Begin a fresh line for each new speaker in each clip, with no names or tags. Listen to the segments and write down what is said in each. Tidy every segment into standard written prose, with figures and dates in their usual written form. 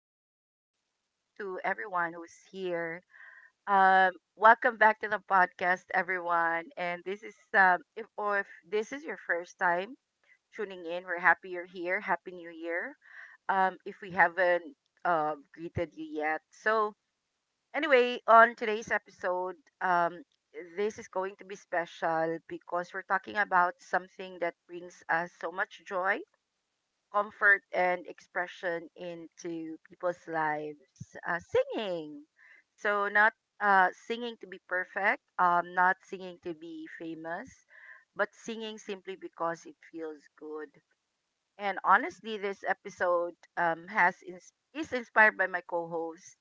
and good evening to everyone who's here. Um, Welcome back to the podcast, everyone. And this is if this is your first time tuning in, we're happy you're here. Happy New Year. If we haven't greeted you yet, so anyway, on today's episode, um, this is going to be special because we're talking about something that brings us so much joy, comfort, and expression into people's lives. Singing. So not singing to be perfect, not singing to be famous, but singing simply because it feels good. And honestly, this episode has is inspired by my co-host.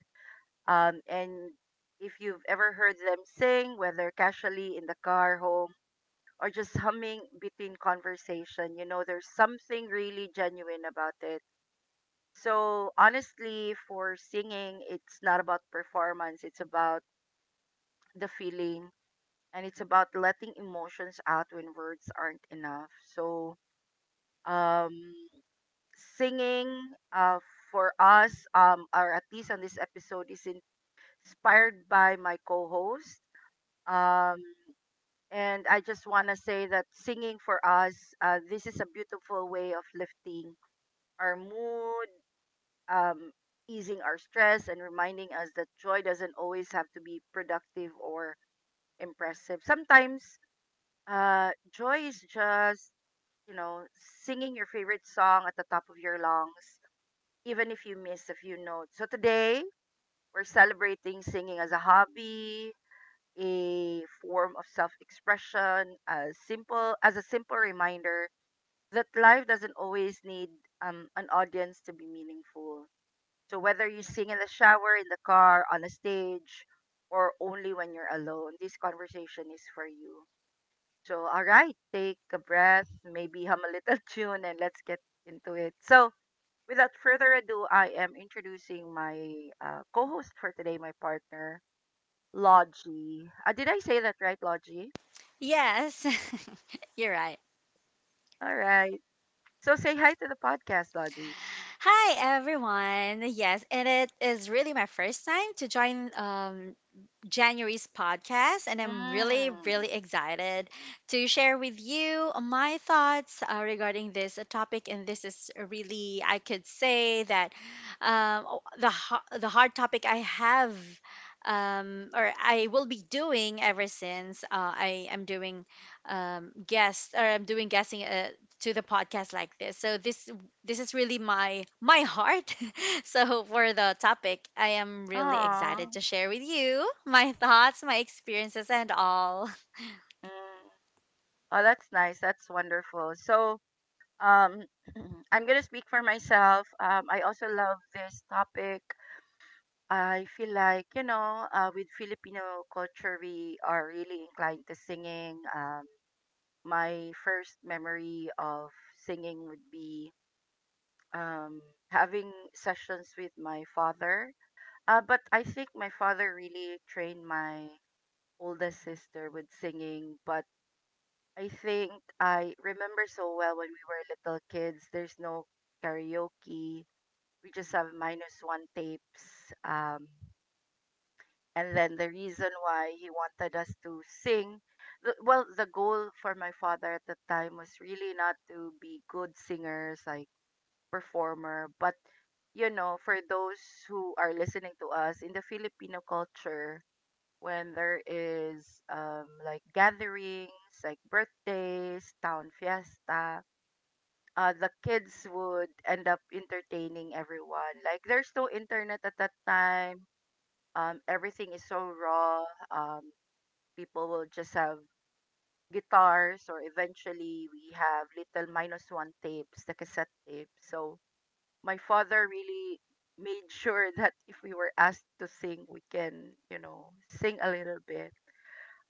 And if you've ever heard them sing, whether casually in the car, home, or just humming between conversation, you know there's something really genuine about it. So honestly, for singing, it's not about performance, it's about the feeling, and it's about letting emotions out when words aren't enough. So um singing uh for us, or at least on this episode, is inspired by my co-host. Um and I just want to say that singing for us, this is a beautiful way of lifting our mood, um, easing our stress, and reminding us that joy doesn't always have to be productive or impressive. Sometimes joy is just, you know, singing your favorite song at the top of your lungs, even if you miss a few notes. So today, we're celebrating singing as a hobby, a form of self expression, as simple as a simple reminder that life doesn't always need an audience to be meaningful. So whether you sing in the shower, in the car, on a stage, or only when you're alone, this conversation is for you. So all right, take a breath, maybe hum a little tune, and let's get into it. So without further ado, I am introducing my co-host for today, my partner, Logie. Did I say that right, Logie?
Yes, you're right.
All right. So say hi to the podcast, Logie.
Hi everyone. Yes, and it is really my first time to join January's podcast, and I'm really,
Mm.
really excited to share with you my thoughts regarding this topic. And this is really, I could say that the hard topic I have, or I will be doing ever since I am doing guest or I'm doing guessing to the podcast like this. So this is really my heart. So for the topic, I am really
Aw.
excited to share with you my thoughts, my experiences, and all.
Mm. Oh, that's nice. That's wonderful. So Um, I'm gonna speak for myself. I also love this topic. I feel like with Filipino culture, we are really inclined to singing. My first memory of singing would be um, having sessions with my father. But I think my father really trained my oldest sister with singing. But I think I remember so well when we were little kids. There's no karaoke, we just have minus one tapes. And then the reason why he wanted us to sing, the goal for my father at the time was really not to be good singers, like performer, but you know, for those who are listening to us in the Filipino culture, when there is like gatherings, like birthdays, town fiesta, the kids would end up entertaining everyone. Like there's no internet at that time. Everything is so raw. Um, people will just have guitars, or eventually we have little minus one tapes, the cassette tape. So my father really made sure that if we were asked to sing, we can, you know, sing a little bit.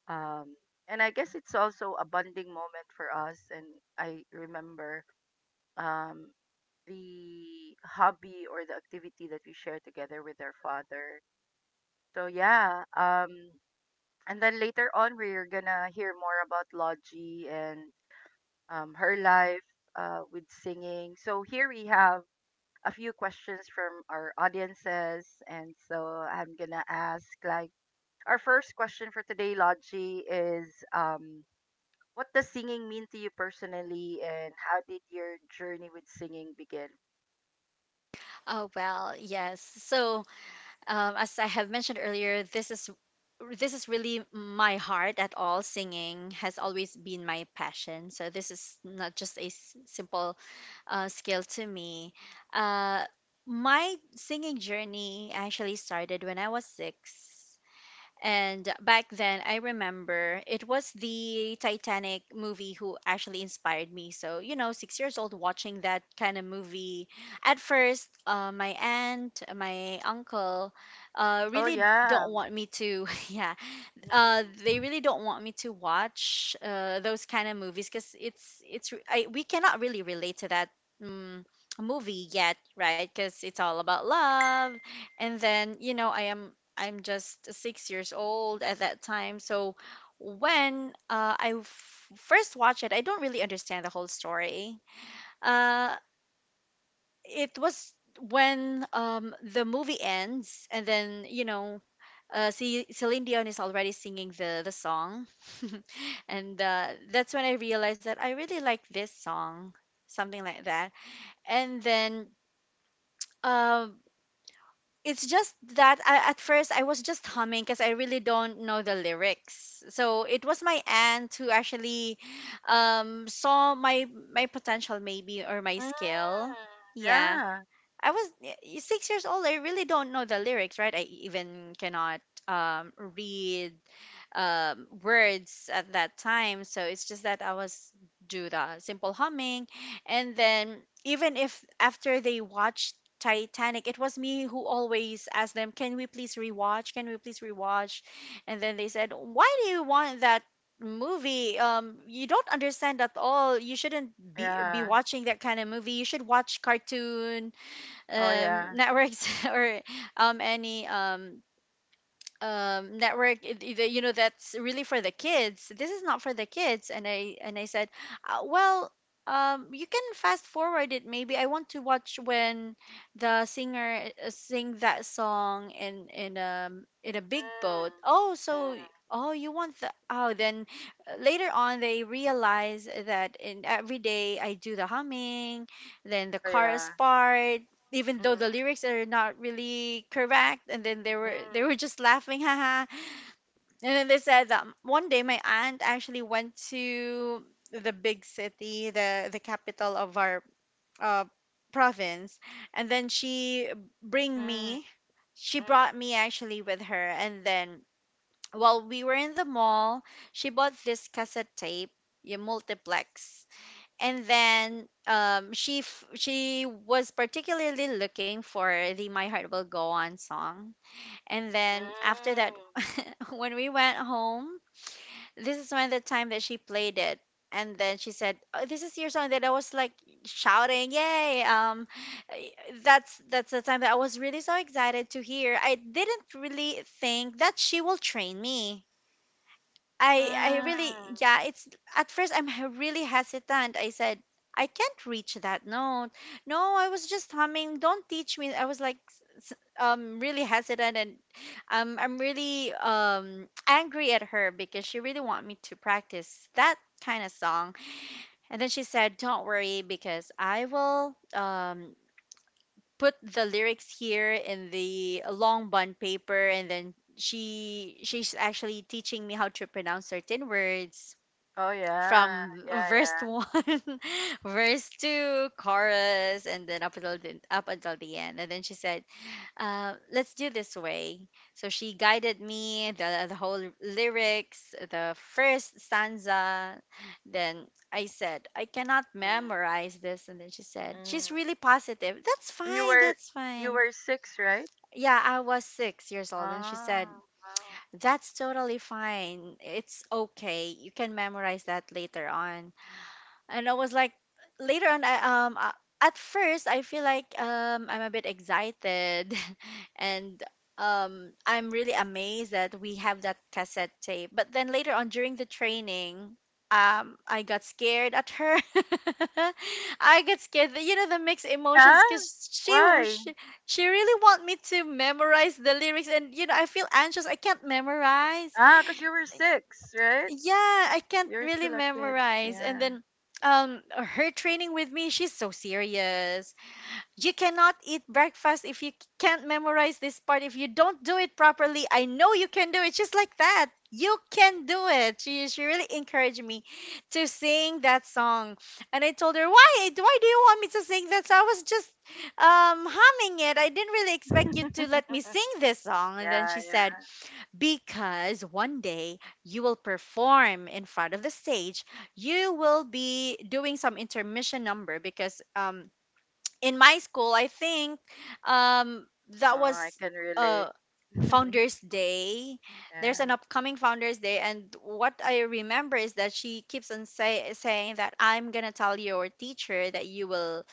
Um, and I guess it's also a bonding moment for us. And I remember um the hobby or the activity that we share together with our father. So yeah, and then later on we're gonna hear more about Logie and her life with singing. So here we have a few questions from our audiences, and so I'm gonna ask, like, our first question for today, Logie, is um, what does singing mean to you personally, and how did your journey with singing begin?
Oh well, yes. So as I have mentioned earlier, this is really my heart at all. Singing has always been my passion. So this is not just a simple skill to me. Uh, my singing journey actually started when I was six. And back then, I remember it was the Titanic movie who actually inspired me. So, you know, 6 years old watching that kind of movie. At first, my aunt, my uncle
Oh
really
yeah.
don't want me to, yeah,
Mm.
they really don't want me to watch those kind of movies because we cannot really relate to that um, movie yet, right? Because it's all about love, and then, you know, I'm just 6 years old at that time. So when first watched it, I don't really understand the whole story. uh it was when the movie ends, and then, you know, see Celine Dion is already singing the song. And that's when I realized that I really like this song, something like that. And then um it's just that at first I was just humming because I really don't know the lyrics. So it was my aunt who actually saw my potential, maybe, or my
Mm,
skill. Yeah,
yeah,
I was 6 years old. I really don't know the lyrics, right? I even cannot read words at that time. So it's just that I was do the simple humming. And then even if after they watched Titanic, it was me who always asked them, "Can we please rewatch? Can we please rewatch?" And then they said, "Why do you want that movie? You don't understand at all. You shouldn't be
yeah.
watching that kind of movie. You should watch cartoon
Oh yeah.
networks or any network. You know, that's really for the kids. This is not for the kids." And I said, well, you can fast forward it, maybe. I want to watch when the singer sing that song in in a big boat.
Mm,
Oh, so
mm.
oh, you want the, oh, then later on they realize that in every day I do the humming, then the
Oh
chorus
yeah.
part, even though the
Mm,
lyrics are not really correct. And then they were they
mm,
were just laughing haha. And then they said that one day my aunt actually went to the big city, the capital of our uh, province. And then she bring
mm,
me, she
mm,
brought me actually with her. And then while we were in the mall, she bought this cassette tape, a multiplex. And then she was particularly looking for the My Heart Will Go On song. And then after
mm,
that, when we went home, this is when the time that she played it. And then she said, "Oh, this is your song." that I was like shouting, "Yay!" I- that's the time that I was really so excited to hear. I didn't really think that she will train me. I really,
mm.
yeah, it's at first I'm really hesitant. I said, "I can't reach that note. No, I was just humming. Don't teach me." I was like really hesitant, and I'm really angry at her because she really want me to practice that kind of song. And then she said, "Don't worry, because I will put the lyrics here in the long bond paper." And then she's actually teaching me how to pronounce certain words
Oh yeah,
from
yeah,
verse
yeah.
one, verse two, chorus, and then up until up until the end. And then she said, "Let's do this way." So she guided me the whole lyrics, the first stanza. Then I said, "I cannot
Mm,
memorize this." And then she said, she's really
mm.
positive, "That's
And you
fine.
were
That's
you
fine."
were six, right?
Yeah, I was 6 years old, and she said,
Oh, wow.
"That's totally fine. It's okay. You can memorize that later on." And I was like, later on I at first I feel like I'm a bit excited and I'm really amazed that we have that cassette tape. But then later on during the training, I got scared at her. I got scared, you know, the mixed
Yeah.
emotions, because she, w-
Why?
she she really want me to memorize the lyrics. And you know, I feel anxious, I can't memorize.
Ah, 'cause you were six, right?
Yeah, I can't
You're
really
still a kid.
memorize. And
Yeah.
then her training with me, she's so serious. "You cannot eat breakfast if you can't memorize this part. If you don't do it properly, I know you can do it." Just like that. "You can do it." She really encouraged me to sing that song. And I told her, "Why? Why do you want me to sing that song? I was just humming it. I didn't really expect you to let me sing this song." And then
Yeah,
she said,
yeah.
because one day you will perform in front of the stage. You will be doing some intermission number, because in my school, I think um,
Oh,
that
I
was
can relate.
uh, Founders Day. There's an
Yeah.
upcoming Founders Day, and what I remember is that she keeps on saying that, "I'm gonna tell your teacher that you will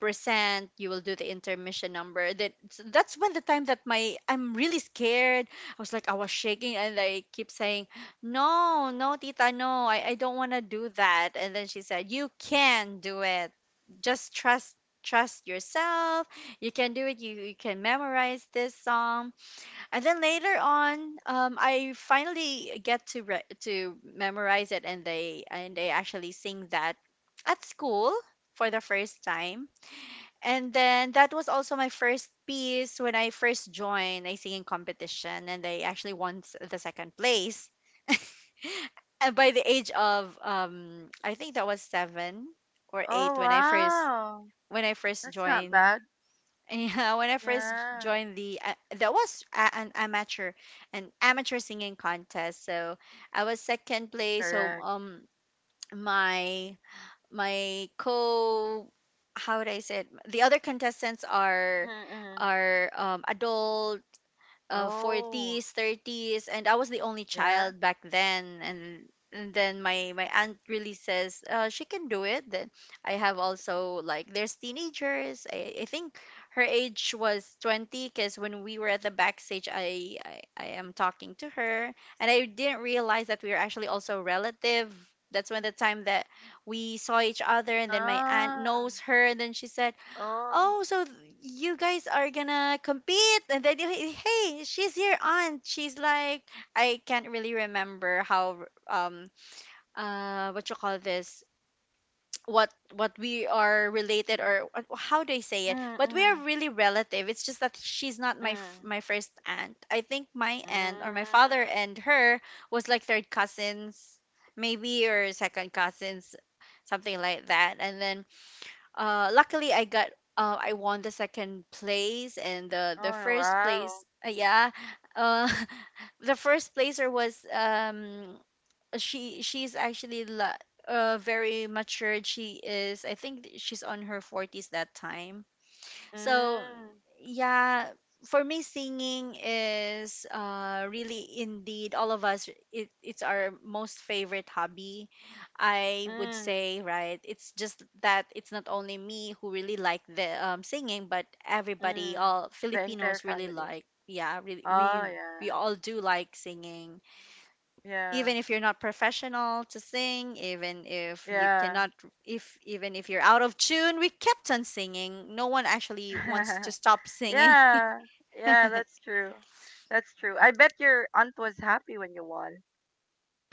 percent you will do the intermission number." That's when the time that my I'm really scared. I was like, I was shaking, and I keep saying, "No, no, tita, no, I don't want to do that." And then she said, "You can do it. Just trust yourself. You can do it. You can memorize this song." And then later on, I finally get to to memorize it. And they actually sing that at school for the first time. And then that was also my first piece when I first joined a singing competition, and I actually won the second place. And by the age of I think that was seven or
Oh,
eight
wow.
when I first
That's not
joined.
bad.
Yeah, when I first
Yeah,
joined, that was an amateur singing contest. So I was second place. So
correct.
my my co how would I say it? The other contestants
Mm-hmm, mm-hmm.
are adult, 40s,
Oh,
30s, and I was the only child
yeah.
back then. And then my aunt really says, "She can do it." Then I have also, like, there's teenagers. I think her age was 20, because when we were at the backstage, I am talking to her, and I didn't realize that we were actually also relative. That's when the time that we saw each other, and then my aunt
Ah,
knows her. And then she said,
oh.
"Oh, so you guys are gonna compete?" And then, "You, hey, she's your aunt." She's like, I can't really remember how what you call this, what we are related, or how do I say it?
Mm-hmm,
But we are
mm-hmm,
really relative. It's just that she's not my
mm.
my first aunt. I think my aunt or my
Mm.
father and her was like third cousins, maybe, or second cousins, something like that. And then luckily, I got I won the second place, and the
Oh,
the first place,
wow.
yeah, uh, the first placer was she's actually very matured. She is, I think, she's on her forties that time. So
Mm,
yeah, for me, singing is really indeed all of us, it's our most favorite hobby, I would
mm,
say. Mhm. Right? It's just that it's not only me who really like the singing, but everybody,
mm.
all
The entire
Filipinos really
family.
like. Yeah, really
Oh,
we
yeah.
we all do like singing
Yeah.
even if you're not professional to sing, even if you
Yeah.
cannot, if even if you're out of tune, we kept on singing. No one actually wants to stop singing.
Yeah.
uh
Yeah, that's true. That's true. I bet your aunt was happy when you won.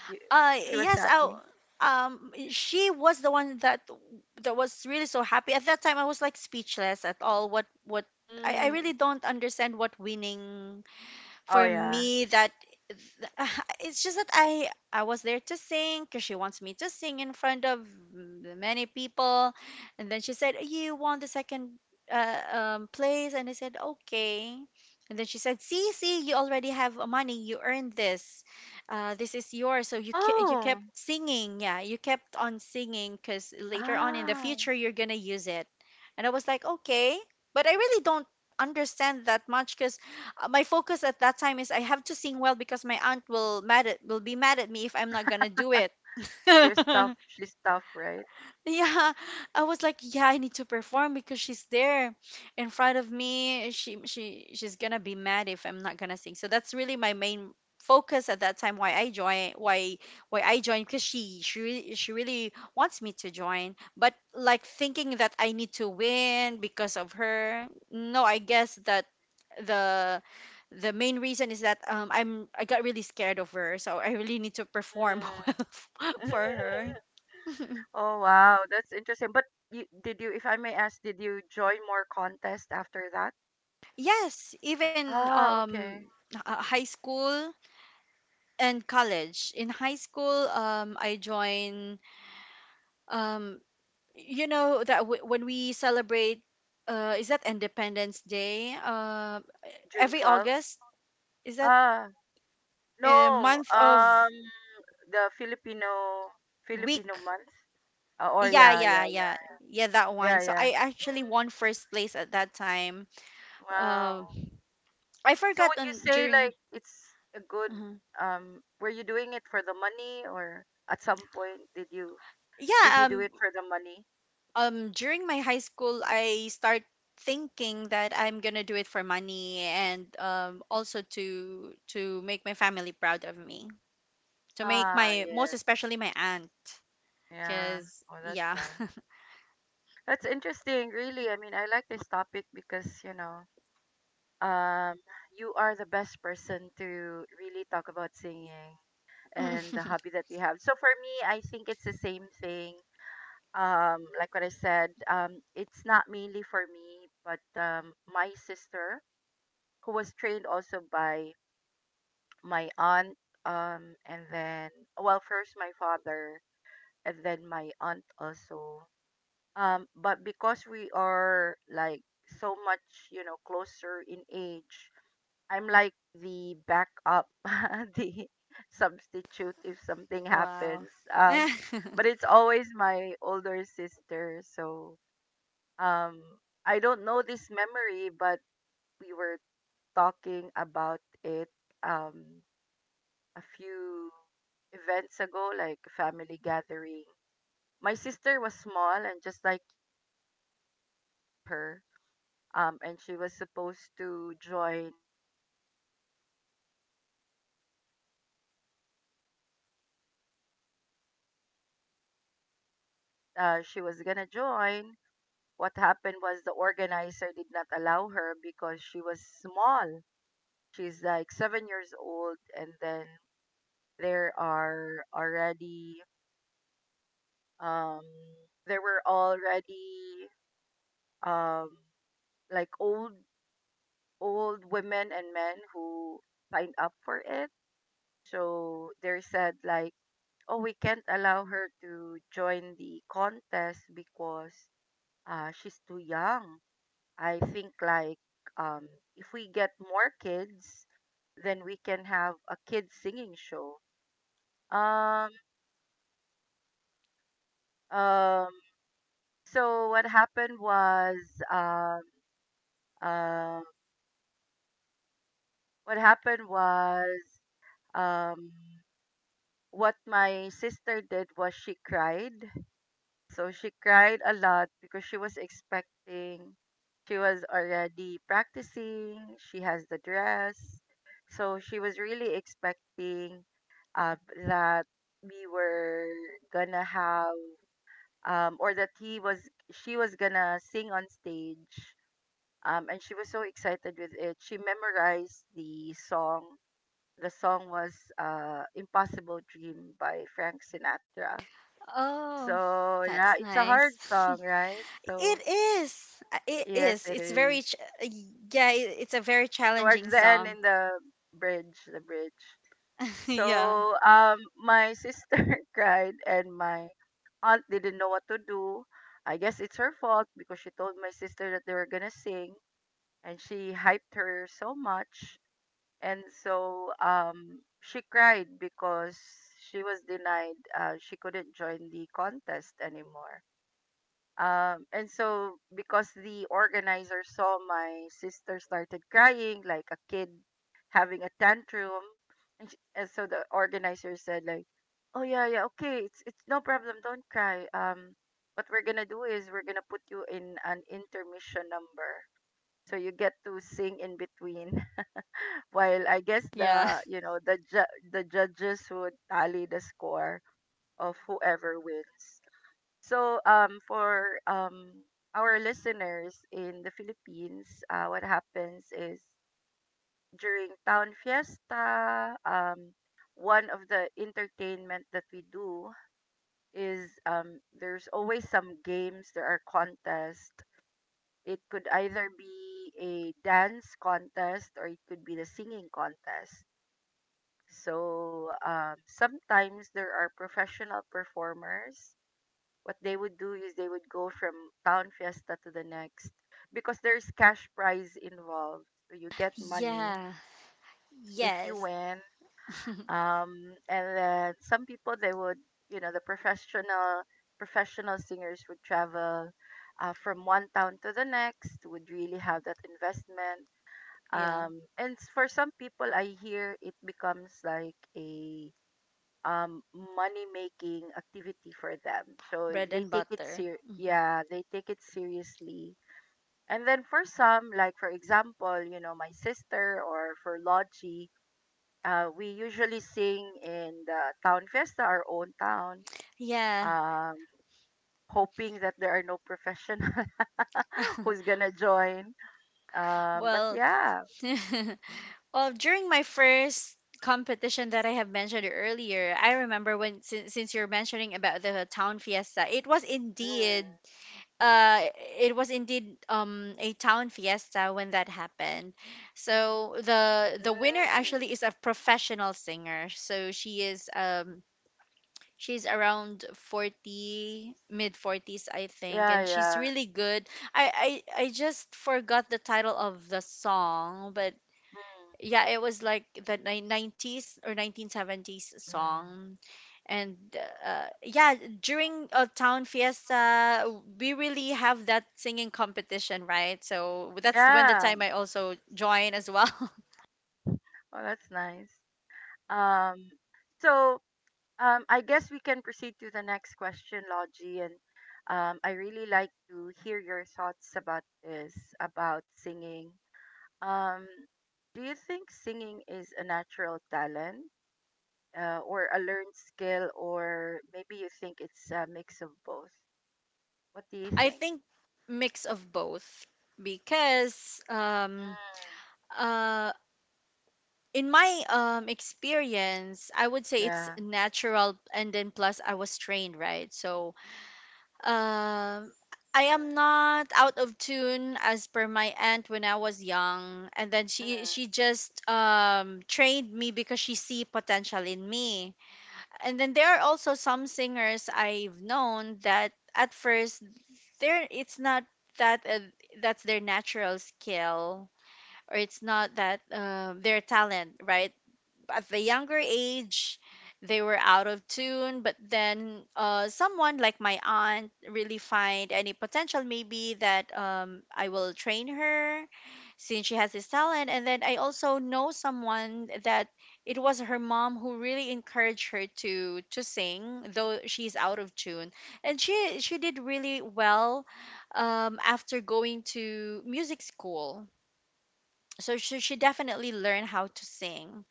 You, she was
yes, i
happy.
um she was the one that was really so happy at that time. I was like speechless at all, I
Mm.
really don't understand what winning,
Oh
for
yeah.
me, that. It's just that I was there to sing because she wants me to sing in front of many people, and then she said, "You won the second place," and I said, "Okay." And then she said, See, you already have money, you earned this, this is yours, so you you kept
Oh.
singing. Yeah, you kept on singing because later on in the
Ah.
future you're gonna use it." And I was like, "Okay," but I really don't understand that much. My focus at that time is I have to sing well because my aunt will mad at will be mad at me if I'm not gonna do it.
She's tough. She's tough, right?
Yeah, I was like, yeah, I need to perform because she's there in front of me. She's gonna be mad if I'm not gonna sing. So that's really my main focus at that time, why I joined, because she really, she really wants me to join. But like thinking that I need to win because of her? No, I guess that the the main reason is that I got really scared of her, so I really need to perform well
Mm.
for her.
Oh wow, that's interesting. But if I may ask, did you join more contest after that?
Yes, even
Ah, okay.
high school and college. In high school, I join, um you know that when we celebrate, is that Independence Day?
June
Every
twelfth.
August, is that
Ah, no.
a month of
Um, the Filipino
week?
month. Or
Yeah,
yeah,
yeah,
yeah, yeah,
yeah. Yeah, that one.
yeah,
So
yeah.
I actually
Mm.
won first place at that time. Um
Wow.
I
So
forgot
would you
on
say
during
like it's a good
uh
were you doing it for the money, or at some point did
Yeah,
you do it for the money?
during my high school I start thinking that I'm gonna do it for money, and also to make my family proud of me. To make
Ah,
my, most
yes.
especially my aunt.
Yeah.
Cause
Oh, that's
yeah.
nice. That's interesting, really. I mean, I like this topic because, you know, um you are the best person to really talk about singing and
Mm.
the hobby that you have. So for me, I think it's the same thing. Um, like what I said, it's not mainly for me, but my sister who was trained also by my aunt, and then well first my father and then my aunt also, but because we are like so much, you know, closer in age, I'm like the backup the substitute if something
Wow.
happens. But it's always my older sister. So um I don't know this memory, but we were talking about it um a few events ago, like a family gathering. My sister was small, and just like you, it was my aunt who taught her. And she was supposed to join a the talent show, the singing contest. And then when they said that she was gonna join, what happened was the organizer did not allow her because she was small. She's like 7 years old, and then there are already um there were already um like old women and men who signed up for it. So they said like, oh, we can't allow her to join the contest because she's too young. I think like, um if we get more kids, then we can have a kids singing show. um um so what happened was um um what happened was um what my sister did was she cried. So she cried a lot because she was expecting, she was already practicing, she has the dress, so she was really expecting, uh, that we were gonna have, or that he was she was gonna sing on stage. And she was so excited with it, she memorized the song. The song was Impossible Dream by Frank Sinatra.
Oh,
So,
that's
yeah, it's a
nice.
hard song, right?
It
So,
is. It
yes,
is.
it
It's very
is.
yeah, it's a very challenging
Towards the end
song.
in the the bridge.
Yeah.
So, my sister cried, and my aunt didn't know what to do. I guess it's her fault because she told my sister that they were gonna sing, and she hyped her so much. And so she cried because she was denied, she couldn't join the contest anymore. And so because the organizer saw my sister started crying like a kid having a tantrum, and, sh and so the organizer said like, oh yeah, yeah, okay, it's no problem, don't cry, what we're gonna do is we're gonna put you in an intermission number, so you get to sing in between while, I guess,
Yeah.
the you know, the the judges would tally the score of whoever wins. So for our listeners in the Philippines, what happens is during town fiesta, one of the entertainment that we do is, there's always some games, there are contests. It could either be a dance contest, or it could be the singing contest. So sometimes there are professional performers. What they would do is they would go from town fiesta to the next because there's cash prize involved. So you get money
Yeah.
if you
Yes.
win. And then some people they would, you know, the professional singers would travel from one town to the next. Would really have that investment.
Yeah.
And for some people, I hear it becomes like a um money making activity for them, so
Bread
they
and
take it
butter. Hmm.
yeah, they take it seriously. And then for some, like, for example, you know, my sister or for Logie, we usually sing in the town fiesta, our own town,
Yeah.
um hoping that there are no professional who's gonna join. But
Well,
yeah.
well, during my first competition that I have mentioned earlier, I remember when, since you're mentioning about the town fiesta,
Mm,
uh
mm,
it was indeed a town fiesta when that happened. So the winner
mm.
actually is a professional singer. So she is she's around 40, mid 40s, I think,
Yeah,
and she's
yeah.
really good. I just forgot the title of the song, but
Mm,
yeah, it was like the 90s or 1970s
mm.
song. And yeah, during a town fiesta, we really have that singing competition, right? So that's when the
Yeah.
time I also join as well.
Oh, that's nice. Um, so I guess we can proceed to the next question, Logie. And I really like to hear your thoughts about this, about singing. Um, do you think singing is a natural talent or a learned skill, or maybe you think it's a mix of both? What do you
I
think?
think mix of both because
Mm,
uh, in my experience I would say it's
yeah.
natural, and then plus I was trained, right? So um I am
Mm,
not out of tune as per my aunt when I was young, and then she
mm,
she just trained me because she see potential in me. And then there are also some singers I've known that at first, there it's not that that's their natural skill, or it's not that their talent, right? At the younger age they were out of tune, but then someone like my aunt really find any potential, maybe that, I will train her since she has this talent. And then I also know someone that it was her mom who really encouraged her to sing, though she's out of tune, and she did really well after going to music school. So she definitely learned how to sing.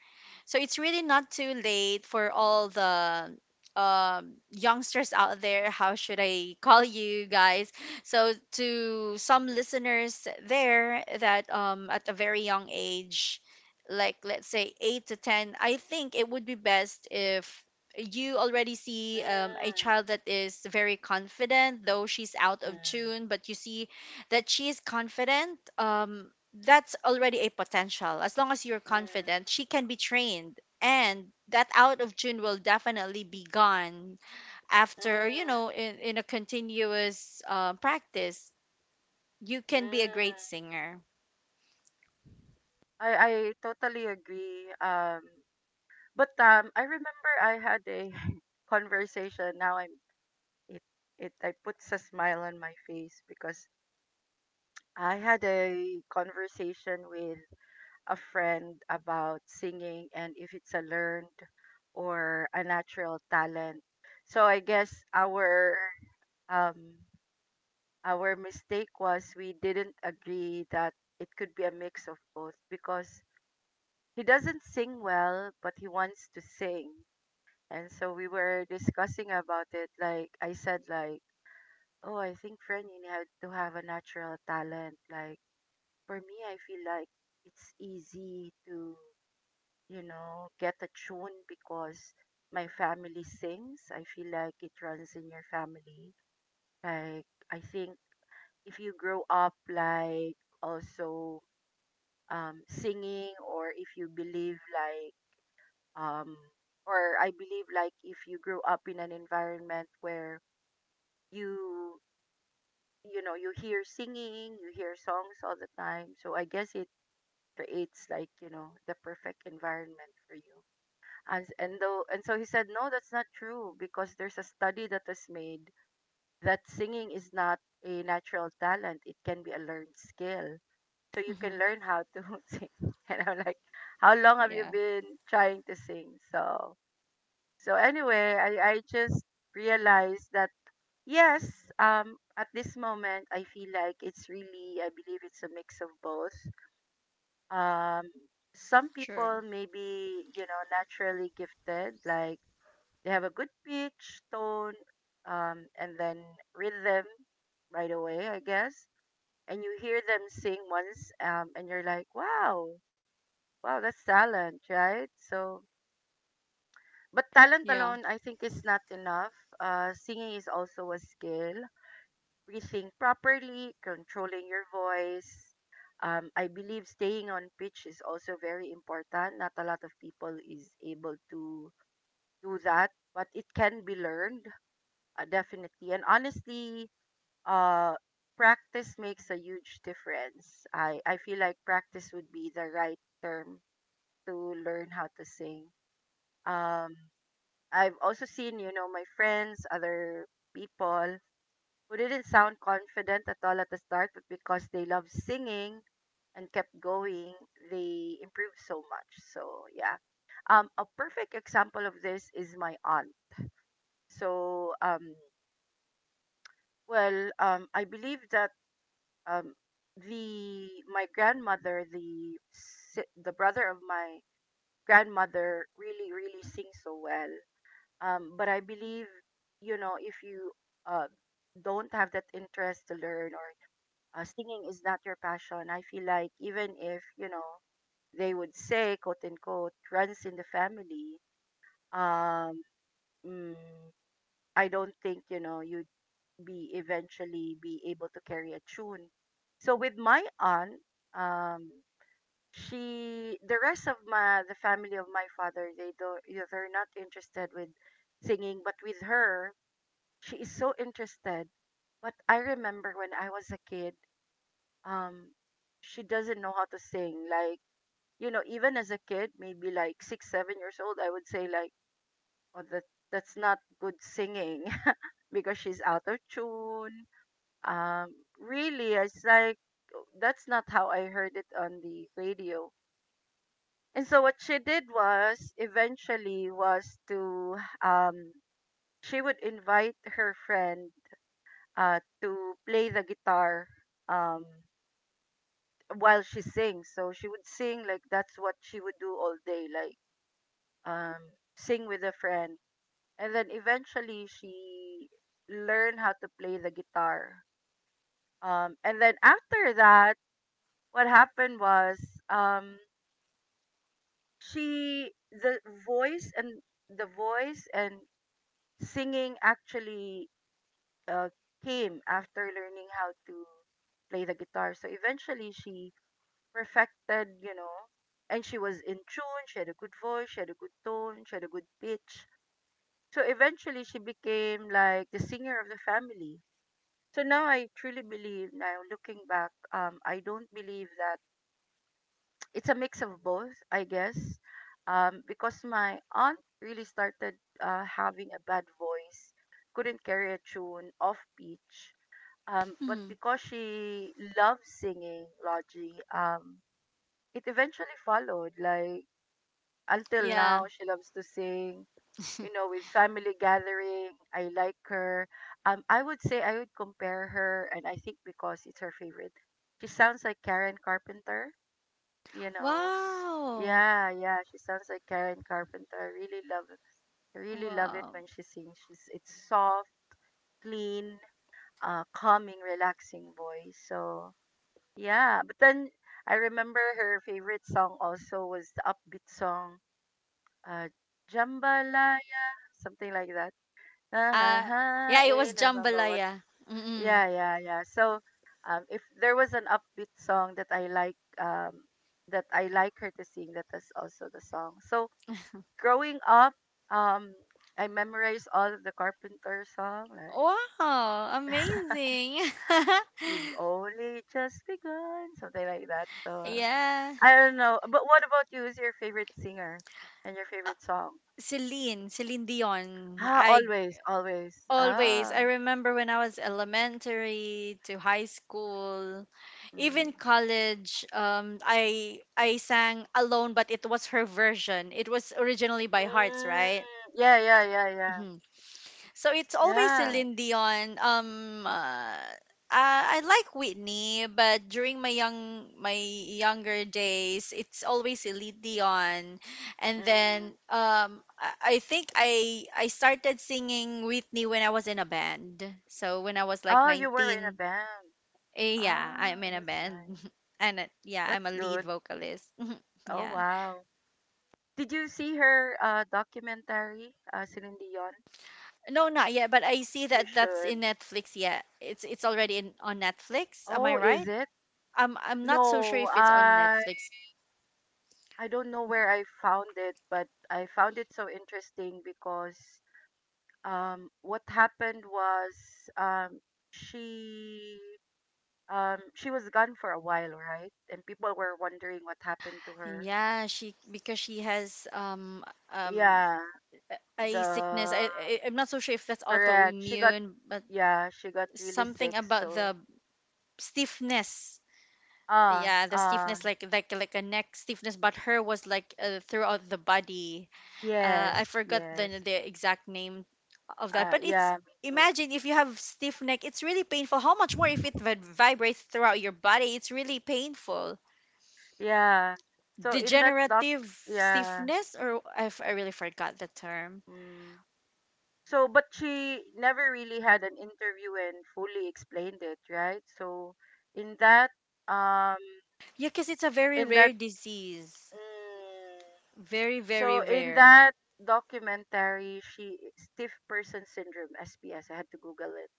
So it's really not too late for all the youngsters out there. How should I call you guys? So to some listeners there that, at a very young age, like let's say eight to ten, I think it would be best if you already see, a
mm,
child that is very confident, though she's out of
mm,
tune, but you see that she is confident, that's already a potential. As long as you're confident,
mm,
she can be trained. And that out of tune will definitely be gone after, you
mm,
know, in a continuous practice. You can be a
mm.
great singer.
I I totally agree. But I remember I had a conversation. Now I'm it it I puts a smile on my face because I had a conversation with a friend about singing and if it's a learned or a natural talent. So I guess um our mistake was we didn't agree that it could be a mix of both because he doesn't sing well but he wants to sing. And so we were discussing about it. Like I said, like, oh, I think Frenin had to have a natural talent. Like for me, I feel like it's easy to, you know, get a tune because my family sings. I feel like it runs in your family. Like I think if you grow up like also singing, or if you believe like um or I believe like if you grew up in an environment where you you know, you hear singing, you hear songs all the time, so I guess it creates, like, you know, the perfect environment for you. As and though and so he said no, that's not true because there's a study that was made that singing is not a natural talent, it can be a learned skill, so you can
Hmm.
learn how to sing. And I'm like, how long have you
Yeah,
been trying to sing? So anyway, I just realized that yes, at this moment, I feel like it's really, I believe it's a mix of both. Um, some
true.
people may be, you know, naturally gifted, like they have a good pitch, tone, and then rhythm right away, I guess. And you hear them sing once, and you're like, wow, wow, that's talent, right? So, but talent
Yeah.
alone, I think, is not enough. Singing is also a skill. Breathing properly, controlling your voice. I believe staying on pitch is also very important. Not a lot of people is able to do that, but it can be learned, definitely. And honestly, uh, practice makes a huge difference. I feel like practice would be the right term to learn how to sing. Um, I've also seen, you know, my friends, other people who didn't sound confident at all at the start, but because they loved singing and kept going, they improved so much. So yeah, a perfect example of this is my aunt. So I believe that um, the my grandmother, the brother of my grandmother, really really sings so well. But I believe, you know, if you uh, don't have that interest to learn, or singing is not your passion, I feel like even if, you know, they would say, quote unquote, runs in the family, um, mm, I don't think, you know, you'd be eventually be able to carry a tune. So with my aunt, um, she, the rest of my, the family of my father, they don't, you know, they're not interested with singing, but with her, she is so interested. But I remember when I was a kid, um she doesn't know how to sing. Like, you know, even as a kid, maybe like 6 or 7 years old, I would say like, oh, that's not good singing because she's out of tune. um Really, it's like, oh, that's not how I heard it on the radio. And so what she did was eventually was to um she would invite her friend to play the guitar um while she sings. So she would sing, like that's what she would do all day, like um sing with a friend. And then eventually she learned how to play the guitar. And then after that, what happened was um she voice and the voice and singing actually uh, came after learning how to play the guitar. So eventually she perfected, you know. And she was in tune, she had a good voice, she had a good tone, she had a good pitch. So eventually she became like the singer of the family. So now I truly believe, now looking back, I don't believe that it's a mix of both, I guess. Because my aunt really started having a bad voice, couldn't carry a tune, off pitch. But
Hmm.
because she loved singing, Logie, it eventually followed. Like, until
Yeah.
now, she loves to sing. You know, with family gathering, I like her. I would say I would compare her, and I think because it's her favorite, she sounds like Karen Carpenter. You know,
Wow.
yeah, yeah, she sounds like Karen Carpenter. I really love it
Wow.
when she sings. She's It's soft, clean, calming, relaxing voice. So yeah, but then I remember her favorite song also was the upbeat song, uh, Jambalaya. Something like that. Ah
Uh,
ha
yeah, it
eh,
was
remember what's
Jambalaya. Mm-mm.
yeah, yeah, yeah. So, if there was an upbeat song that I like her to sing, that is also the song. So, growing up, um, I memorized all of the Carpenter song, like
Wow. Amazing.
"You've Only Just Begun," something like that. So,
Yeah.
I don't know. But what about you? Who's your favorite singer and your favorite song?
Celine Dion.
Ah,
I.
always, always.
Always.
Ah.
I remember when I was elementary to high school,
Mm.
even college, I sang alone, but it was her version. It was originally by Hearts,
Mm,
right?
yeah, yeah, yeah, yeah.
So it's always
Yeah.
Celine Dion. I like Whitney, but during my younger days, it's always Celine Dion. And then
Mm.
I think I started singing Whitney when I was in a band. So when I was like
Oh, you were in a
19,
band.
eh, yeah,
Ah,
I'm in a
that's
band.
nice.
And yeah, I'm a
That's
lead
good.
vocalist.
Oh,
Yeah.
wow. Did you see her documentary, Celine Dion?
No, not yet, but I see
You
that that's
should.
in Netflix. Yeah, it's already in, on Netflix. Am I
Oh, is
right?
it?
I'm not so sure
No,
if it's on Netflix.
I don't know where I found it, but I found it so interesting because what happened was um she she was gone for a while, right? And people were wondering what happened to her.
Yeah, she because she has um
Yeah,
a sickness.
the
I'm not so sure if that's
correct. She got,
autoimmune, but
yeah, she got really
something
sick.
about
So
the stiffness.
ah
Yeah, the
ah,
stiffness, like a neck stiffness, but her was like throughout the body. I
yes
forgot the
yes,
exact name of that, but it's,
yeah me too,
imagine if you have stiff neck, it's really painful. How much more if it vibrates throughout your body? It's really painful.
yeah. So in that doc,
Degenerative
yeah.
stiffness, or, if I really forgot the term.
Mm. So but she never really had an interview and fully explained it, right? So in that um
Yeah, because it's a very
in that
rare disease.
mm,
Very, very
so in
rare.
that documentary, she stiff person syndrome (SPS). I had to Google it.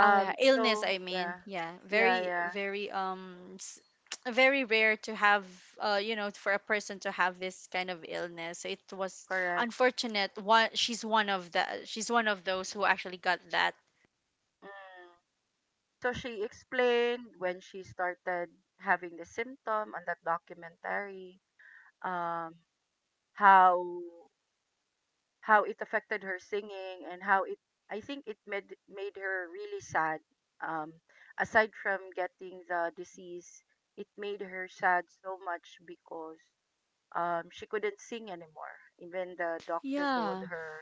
Oh yeah, illness,
So
I mean.
yeah,
Yeah,
yeah,
very
yeah.
very s- very rare to have, you know, for a person to have this kind of illness. So it was
Correct.
unfortunate one. She's one of those who actually got that.
Mm. So she explained when she started having the symptom on that documentary. Um. How how it affected her singing and how it. I think it made her really sad. Um. Aside from getting the disease, it made her sad so much because she couldn't sing anymore. Even the doctor told
Yeah,
her,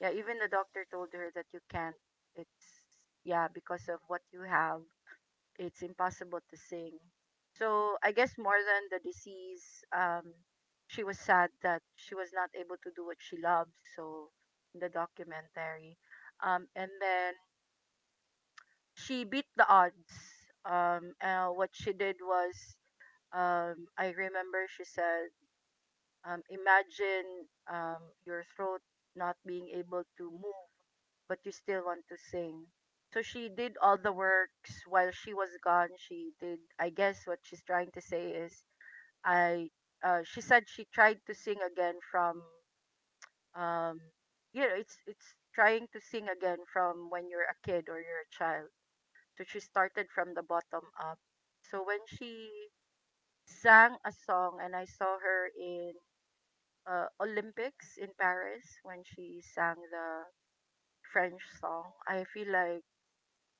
yeah, even the doctor told her that you can't. It's, yeah, because of what you have, it's impossible to sing. So I guess more than the disease, um, she was sad that she was not able to do what she loved. So in the documentary, and then she beat the odds. What she did was, I remember she said, imagine, your throat not being able to move, but you still want to sing. So she did all the works while she was gone. She did, I guess, what she's trying to say is, I. She said she tried to sing again from, um, you know, it's trying to sing again from when you're a kid or you're a child. So she started from the bottom up. So when she sang a song, and I saw her in Olympics in Paris when she sang the French song. I feel like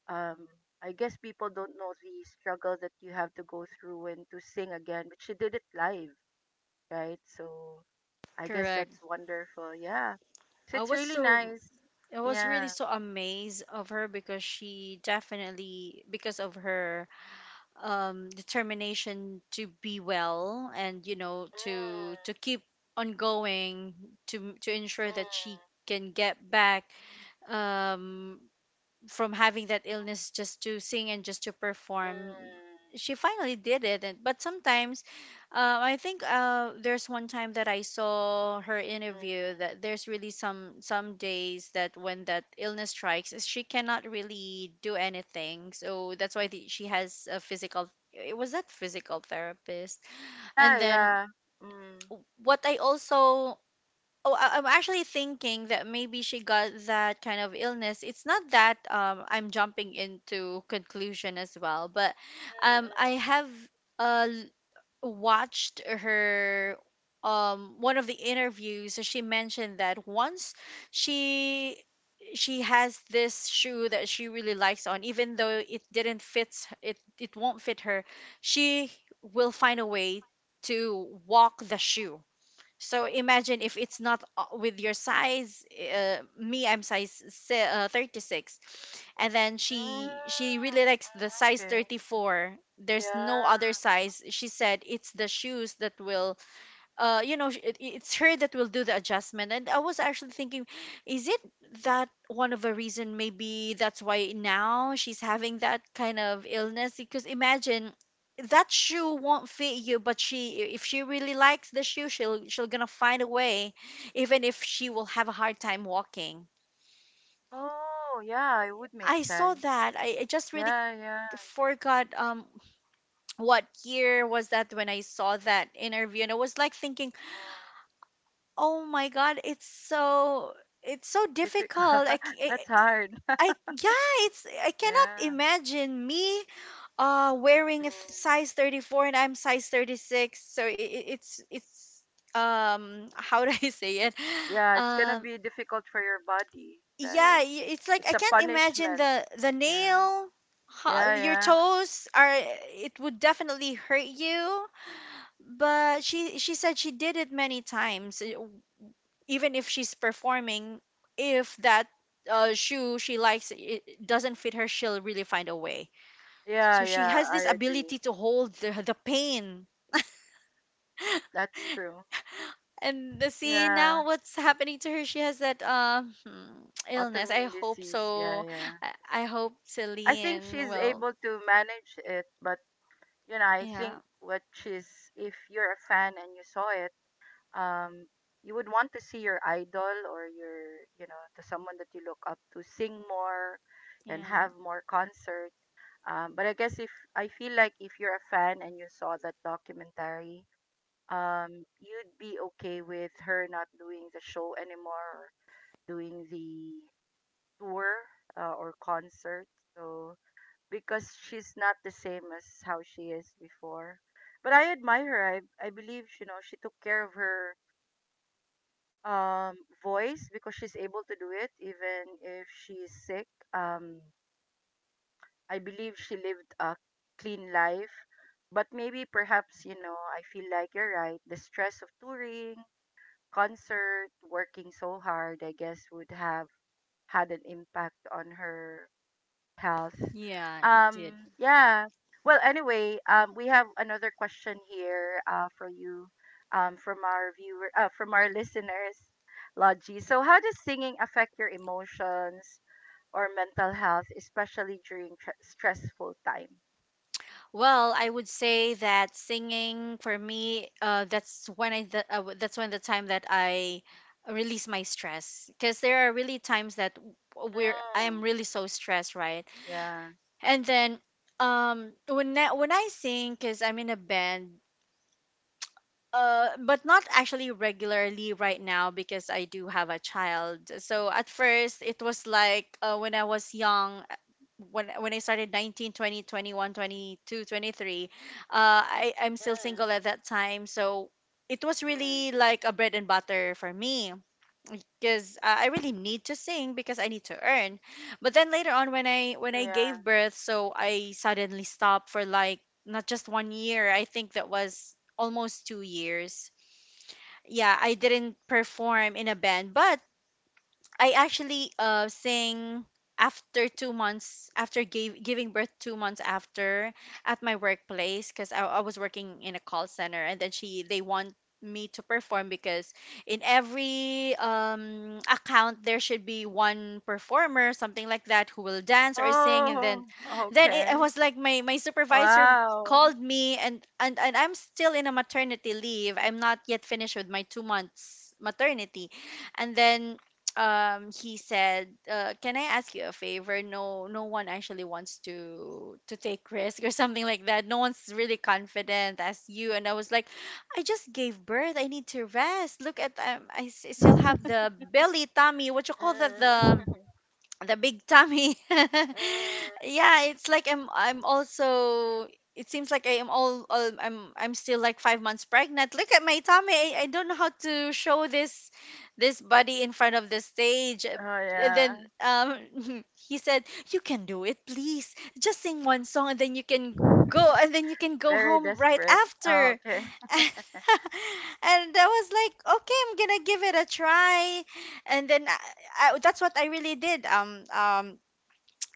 um, I guess people don't know the struggle that you have to go through and to sing again, but she did it live, right? So I guess
correct.
that's wonderful. Yeah. So
I
it's
was
really
so,
nice.
I was really
Yeah.
so amazed of her because she definitely, because of her determination to be well, and you know, to
Mm,
keep on going, to ensure that she
mm,
can get back um from having that illness, just to sing and just to perform, she finally did it. And, but sometimes I think there's one time that I saw her
mm,
interview,
mm.
that there's really some days that when that illness strikes, is she cannot really do anything. So that's why the, she has a physical, it was that physical therapist.
Yeah,
And then
yeah. Mm.
what I also, oh, I- I'm actually thinking that maybe she got that kind of illness. It's not that I'm jumping into conclusion as well, but
Mm,
I
mm,
have uh, watched her one of the interviews. So she mentioned that once she she has this shoe that she really likes on, even though it didn't fits it, it won't fit her, she will find a way to walk the shoe. So imagine if it's not with your size. Me, I'm size 36, and then
mm, mm,
she really likes the size
okay.
34. There's no other
Yeah.
size. She said it's the shoes that will, you know, it's her that will do the adjustment. And I was actually thinking, is it that one of the reason maybe that's why now she's having that kind of illness, because imagine, that shoe won't fit you, but she, if she really likes the shoe, she'll gonna find a way even if she will have a hard time walking.
Oh, yeah, it would make
I saw
sense.
that. I just really
Yeah, yeah.
forgot what year was that when I saw that interview, and I was like thinking,
Mm,
oh my god, it's so, it's so
difficult.
difficult. I, c-
That's hard.
I- yeah, it's, I cannot
Yeah.
imagine me wearing a
Mm.
size 34 and I'm size 36. So it, it's how do I say it?
Yeah, it's gonna
Um,
be difficult for your body.
yeah,
Like,
it's like
it's
I
a
can't imagine
punishment.
the
Yeah.
nail,
Yeah,
your
yeah.
toes are, it would definitely hurt you. But she said she did it many times, even if she's performing, if that shoe she likes it, it doesn't fit her, she'll really find a way.
Yeah,
So she
yeah,
has
I
this
agree.
ability to hold the pain.
That's true.
And the, see
Yeah.
now what's happening to her, she has that illness, I
Autoimmune
hope
disease. Yeah,
so.
yeah.
I hope
I think
Celine
she's
will,
able to manage it, but, you know, I think
yeah.
if you're a fan and you saw it, um you would want to see your idol or your you know to someone that you look up to sing more and
Yeah
have more concert. But I guess, if I feel like if you're a fan and you saw that documentary, you'd be okay with her not doing the show anymore, or doing the tour, or concert, so, because she's not the same as how she is before. But I admire her. I believe, you know, she took care of her, um voice, because she's able to do it even if she's sick. um I believe she lived a clean life, but maybe, perhaps, you know, I feel like you're right, the stress of touring, concert, working so hard, I guess, would have had an impact on her health.
yeah, it did.
Yeah. Well, anyway, we have another question here for you, from our viewer, from our listeners, Logie. So, how does singing affect your emotions or mental health, especially during tr stressful time?
Well, I would say that singing for me, that's when I the, that's when the time that I release my stress, because there are really times that w- we're I am
Mm,
really so stressed, right?
yeah.
And then when I sing, because I'm in a band, but not actually regularly right now because I do have a child. So at first it was like, when I was young, when I started 19, 20, 21, 22, 23. I I'm still
Mm,
single at that time. So it was
mm.
really like a bread and butter for me because I really need to sing because I need to earn. But then later on when I when
Oh,
I
yeah.
gave birth, so I suddenly stopped for like not just 1 year. I think that was almost 2 years. Yeah, I didn't perform in a band, but I actually sing after 2 months after giving birth 2 months after at my workplace because I was working in a call center and then she they want me to perform because in every account there should be one performer, something like that, who will dance or sing, and
Oh,
then it
okay.
was like my supervisor
Wow.
called me and and I'm still in a maternity leave, I'm not yet finished with my 2 months maternity. And then he said, "Can I ask you a favor? No one actually wants to take risk or something like that. No one's really confident as you." And I was like, "I just gave birth, I need to rest. Look at I still have the belly tummy, what you call that,
Mm,
the big tummy."
mm.
Yeah, it's like I'm also, it seems like I am all I'm still like 5 months pregnant. Look at my tummy. I don't know how to show this this body in front of the stage. And then
Oh,
he said, "You can do it, please. Just sing one song and then you can
yeah.
go, and then you can go
Very
home right
desperate. Oh,
after."
okay.
And I was like, "Okay, I'm going to give it a try." And then I, that's what I really did.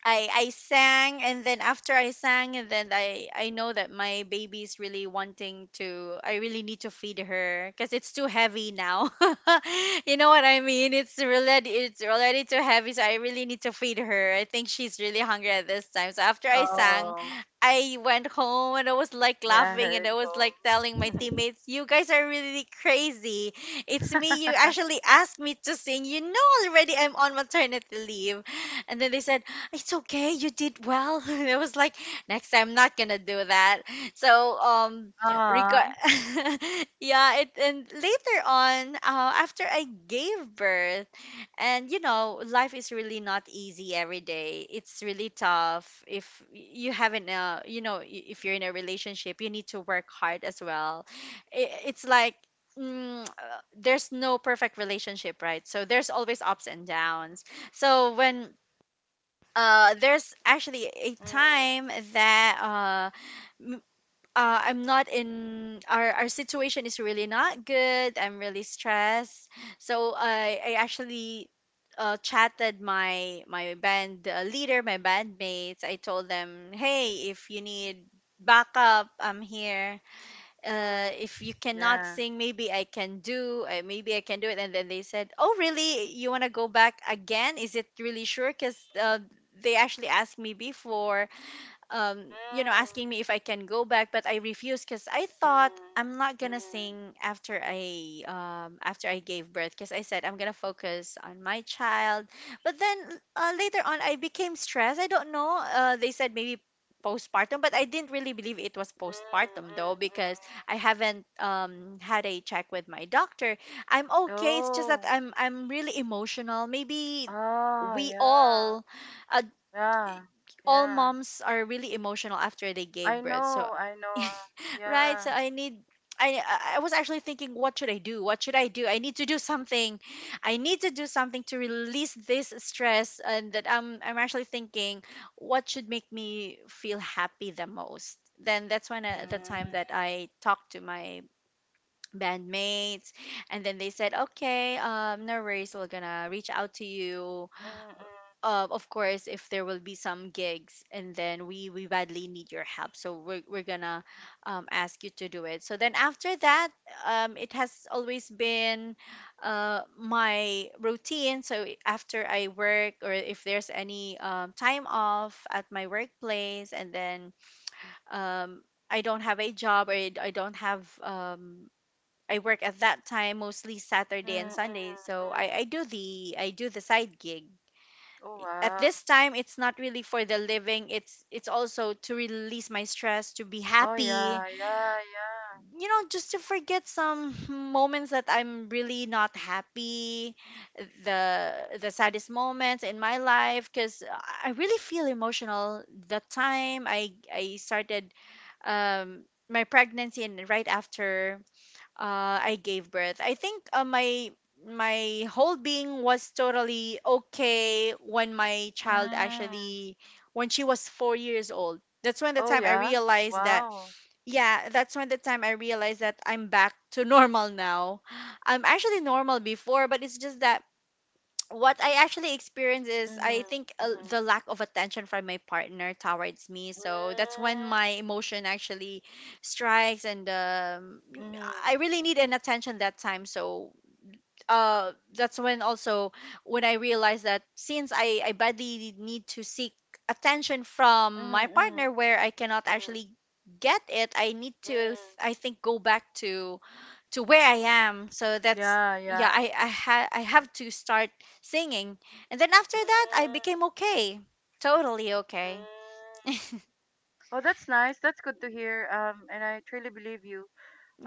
I sang, and then after I sang and then I know that my baby's really wanting to, I really need to feed her because it's too heavy now. You know what I mean? It's already too heavy, so I really need to feed her. I think she's really hungry at this time. So after I sang,
Oh,
I went home and I was like
yeah, I
laughing, and
heard
I was like telling my
home.
teammates, "You guys are really crazy. It's me. You actually asked me to sing. You know already I'm on maternity leave." And then they said it's okay, you did well. And I was like, next time I'm not gonna do that. So
Aw.
regard yeah it and later on, after I gave birth, and you know life is really not easy, every day it's really tough, if you haven't you know, if you're in a relationship you need to work hard as well. I it's like mm, uh, there's no perfect relationship, right? So there's always ups and downs. So when there's actually a
Mm,
time that m- I'm not in, our situation is really not good. I'm really stressed. So I actually chatted my band leader, my bandmates. I told them, "Hey, if you need backup, I'm here.
mm,
If you cannot
yeah.
sing, maybe I can do, maybe I can do it." And then they said, "Oh, really? You want to go back again? Is it really sure? Because They actually asked me before, you know,
Mm,
asking me if I can go back, but I refused because I
mm,
thought I'm not
mm,
gonna
mm,
sing after I gave birth because I said I'm gonna focus on my child. But then later on, I became stressed. I don't know. They said maybe postpartum, but I didn't really believe it was
mm,
postpartum though
mm.
because I haven't had a check with my doctor. I'm okay. It's just that
Oh.
I'm really emotional. Maybe
Oh,
we
yeah.
all, uh,
Yeah.
all
Yeah.
moms are really emotional after they
I
gave birth. So,
know. I know.
right?
Yeah.
So I need, I was actually thinking, what should I do? What should I do? I need to do something. I need to do something to release this stress. And that I'm actually thinking what should make me feel happy the most. Then that's when, the
Mm,
time that I talked to my bandmates, and then they said, "Okay, no worries, we're going to reach out to you,
mm, mm,
of course, if there will be some gigs, and then we badly need your help, so we're gonna ask you to do it." So then after that, it has always been my routine. So after I work, or if there's any time off at my workplace, and then um, I don't have a job, or I don't have I work at that time mostly
mm,
Saturday
mm, mm.
and Sunday, so
Mm.
I do the, I do the side gig.
Oh,
At
wow.
this time it's not really for the living, it's also to release my stress, to be
Oh,
happy,
yeah. Yeah, yeah.
you know, just to forget some moments that I'm really not happy, the the saddest moments in my life, because I really feel emotional the time I started um my pregnancy and right after, I gave birth. I think my my whole being was totally okay when my child
Mm.
actually, when she was 4 years old. That's when the
Oh,
time I
yeah?
realized that,
Wow.
yeah, that's when the time I realized that I'm back to normal now. I'm actually normal before, but it's just that what I actually experience is,
Mhm,
I think,
mhm.
the lack of attention from my partner towards me.
Mm,
So that's when my emotion actually strikes, and
mhm,
I really need an attention that time. So that's when also when I realized that since I badly need to seek attention from
mhm,
my
mhm,
partner where I cannot
mm,
actually get it, I need to,
mm.
I think, go back to where I am. So that's,
Yeah,
yeah,
yeah.
I have to start singing, and then after that I
Mm,
became okay, totally
mm.
okay.
Oh, that's nice. That's good to hear. And I truly believe you.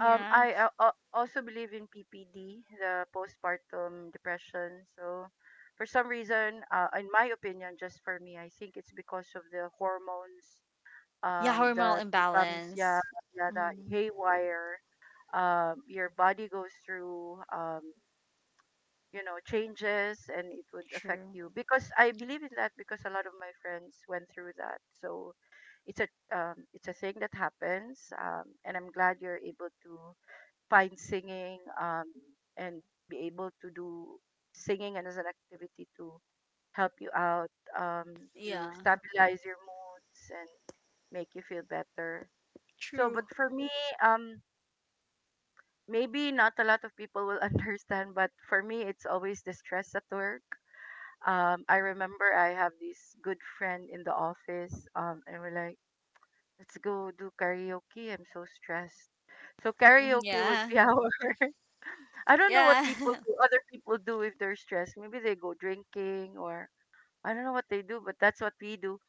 I also believe in PPD, the postpartum depression. So, for some reason, in my opinion, just for me, I think it's because of the hormones
yeah, hormonal
that becomes, yeah,
imbalance.
yeah, the
Mm,
haywire. Um, your body goes through, you know, changes, and it would affect
true.
you, because I believe in that, because a lot of my friends went through that. So it's a, it's a thing that happens, and I'm glad you're able to find singing, and be able to do singing and as an activity to help you out, um, to
Yeah,
stabilize your moods and make you feel better. So,
true.
but for me, um, maybe not a lot of people will understand, but for me, it's always the stress at work. I remember I have this good friend in the office, and we're like, let's go do karaoke. I'm so stressed. So
Mhm.
karaoke would
Yeah,
be our. I don't know what
yeah,
people do. Other people do if they're stressed. Maybe they go drinking, or I don't know what they do, but that's what we do.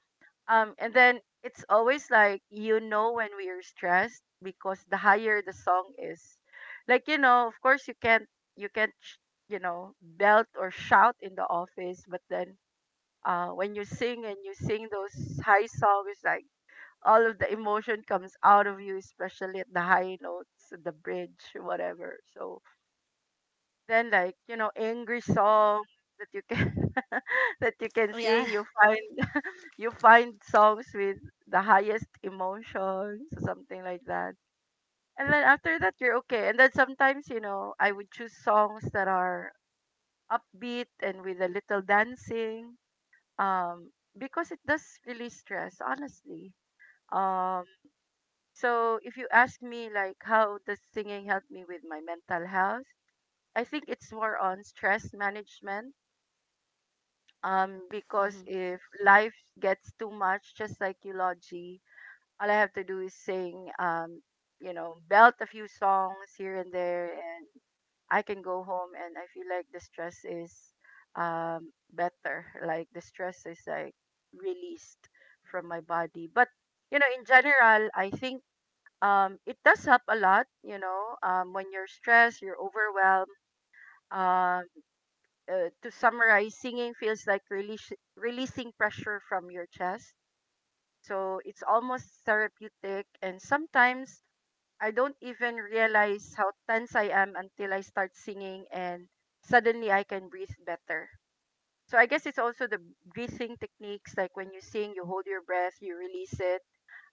And then it's always like, you know, when we are stressed, because the higher the song is, like, you know, of course you can't, you can't sh- you know, belt or shout in the office, but then, when you sing and you sing those high songs, like, all of the emotion comes out of you, especially at the high notes, the bridge, whatever. So then, like, you know, angry song that you can that you can
yeah.
sing, you find, you find songs with the highest emotions, something like that. And then after that, you're okay. And then sometimes, you know, I would choose songs that are upbeat and with a little dancing, um, because it does release stress, honestly. Um, so if you ask me, like, how does singing help me with my mental health? I think it's more on stress management. Because
Hmm.
if life gets too much, just like you, Logie, all I have to do is sing, you know, belt a few songs here and there, and I can go home and I feel like the stress is, better. Like the stress is like released from my body. But, you know, in general, I think, it does help a lot. You know, when you're stressed, you're overwhelmed. Um, to summarize, singing feels like releasing pressure from your chest. So it's almost therapeutic, and sometimes I don't even realize how tense I am until I start singing and suddenly I can breathe better. So I guess it's also the breathing techniques, like when you sing, you hold your breath, you release it.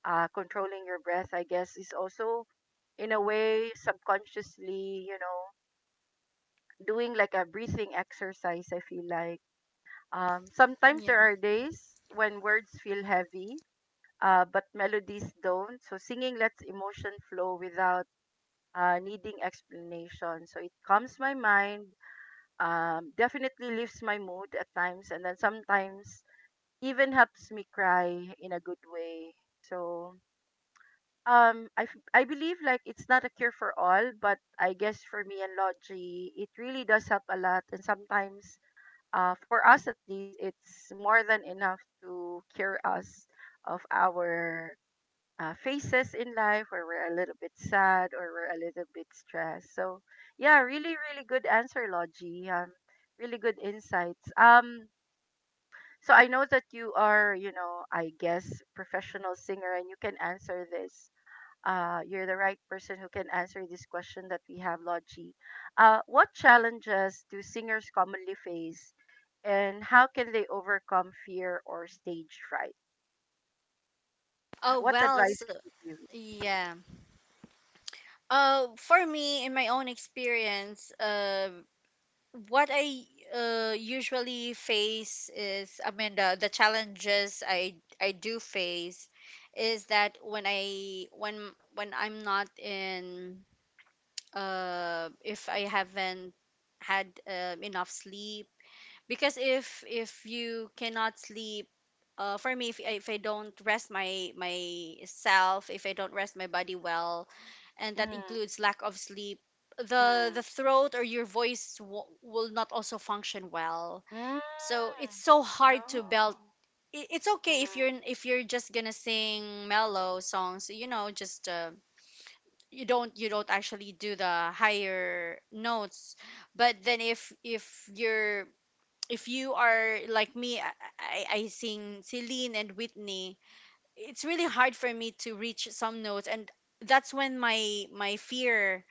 Controlling your breath, I guess, is also, in a way, subconsciously, you know, doing like a breathing exercise. I feel like, sometimes there
Yeah.
are days when words feel heavy, but melodies don't. So singing lets emotion flow without, needing explanation. So it calms my mind, definitely lifts my mood at times, and then sometimes even helps me cry in a good way. So, I believe like it's not a cure for all, but I guess for me and Logi, it really does help a lot. And sometimes, for us at least, it's more than enough to cure us of our, phases in life where we're a little bit sad or we're a little bit stressed. So, yeah, really, really good answer, Logie. Really good insights. So I know that you are, you know, I guess professional singer, and you can answer this. You're the right person who can answer this question that we have, Logie. What challenges do singers commonly face, and how can they overcome fear or stage fright?
Oh
What
well,
advice
so
can you
yeah. For me, in my own experience, what I, usually face is, Amanda, the challenges I do face is that when I when I'm not in, if I haven't had enough sleep. Because if you cannot sleep, for me, if I don't rest my myself, if I don't rest my body well, and
give?
that
Mm,
includes lack of sleep, the
mm.
throat or your voice will not also function well.
Mm.
So it's so hard to belt.
Oh.
It's okay
Mm-hmm.
if you're just gonna sing mellow songs, you know, just you don't, you don't actually do the higher notes. But then if you're, if you are like me, I sing Celine and Whitney. It's really hard for me to reach some notes, and that's when my fear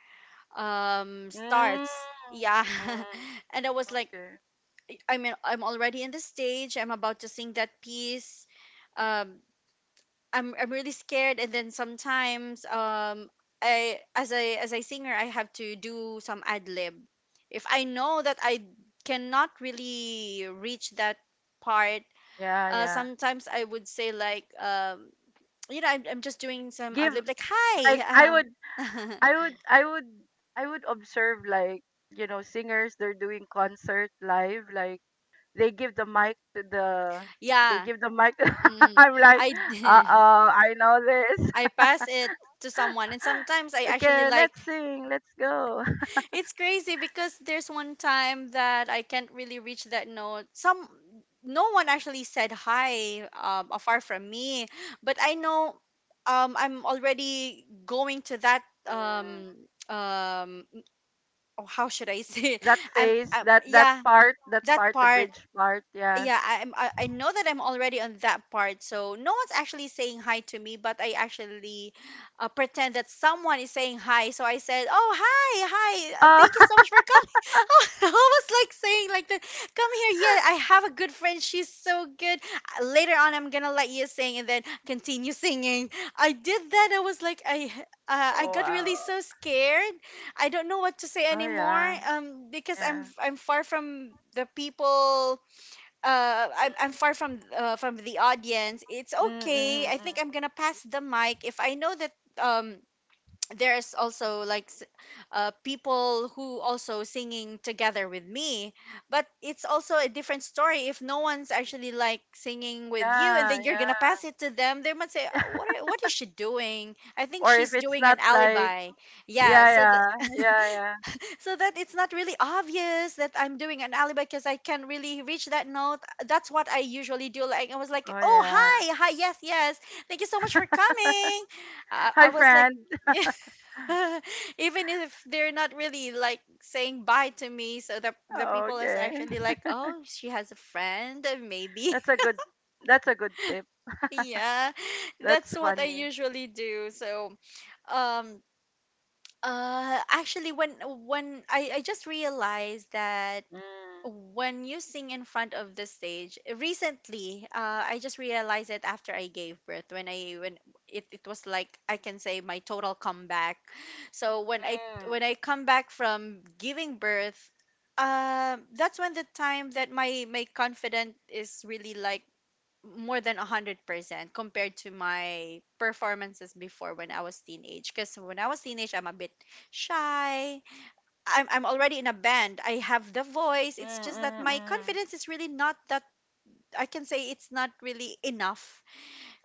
Mm.
starts. Yeah.
Mm.
And I was like,
Okay.
I mean, I'm already in the stage, I'm about to sing that piece. um I'm really scared. And then sometimes I, as a singer, I have to do some ad lib. If I know that I cannot really reach that part,
Yeah, yeah.
sometimes I would say like, you know, I'm just doing some ad
Give,
lib like, hi,
like, I would, I would I would I would observe like, you know, singers they're doing concert live, like they give the mic to the, they
yeah.
give the mic to,
Mm,
I'm like,
I
"Uh-oh, I know this."
I pass it to someone, and sometimes I actually
Okay,
like,
let's sing. Let's go.
it's crazy because there's one time that I can't really reach that note. Some, no one actually said hi afar from me, but I know I'm already going to that
Mm.
um um oh, how should I say it?
That
I'm,
face,
I am
that
yeah,
that
that
part, the
part,
bridge part, yeah.
yeah, I'm, I know that I'm already on that part, so no one's actually saying hi to me, but I actually pretend that someone is saying hi, so I said, oh hi, hi, thank you
Oh.
so much for coming. Oh, I was like saying like that, come here, yeah, I have a good friend, she's so good. Later on I'm gonna let you sing, and then continue singing. I did that. I was like, I
Oh,
got really
wow.
so scared. I don't know what to say
Oh,
anymore,
yeah.
because
Yeah.
I'm far from the people, I'm far from the audience. It's
Mm,
okay.
mm,
I
mm.
think I'm gonna pass the mic if I know that um there's also like people who also singing together with me. But it's also a different story if no one's actually like singing with you, and
Yeah,
then you're
yeah.
gonna pass it to them. They might say, what what is she doing? I think
Or if
she's
it's
doing an
not like,
alibi." Yeah.
yeah,
So the
yeah, yeah, yeah.
so that it's not really obvious that I'm doing an alibi because I can really reach that note. That's what I usually do. Like I was like,
Oh,
"Oh,
yeah.
hi, hi, yes, yes, thank you so much for coming." I
Hi,
was like.
friend.
Even if they're not really like saying bye to me, so the people is
Okay.
actually like, "Oh, she has a friend, maybe."
That's a good, that's a good tip.
Yeah,
That's
that's what I
funny.
usually do. So um actually when when I just realized that
Mm,
when you sing in front of the stage recently, I just realized it after I gave birth, when i when, it was like, I can say my total comeback. So when i
mm,
when i come back from giving birth, that's when the time that my confidence is really like more than 100% compared to my performances before, when I was teenage. Because when I was teenage, I'm a bit shy. I'm already in a band. I have the voice.
mm,
It's just that
mm,
my
mm,
confidence is really not that, I can say it's not really enough.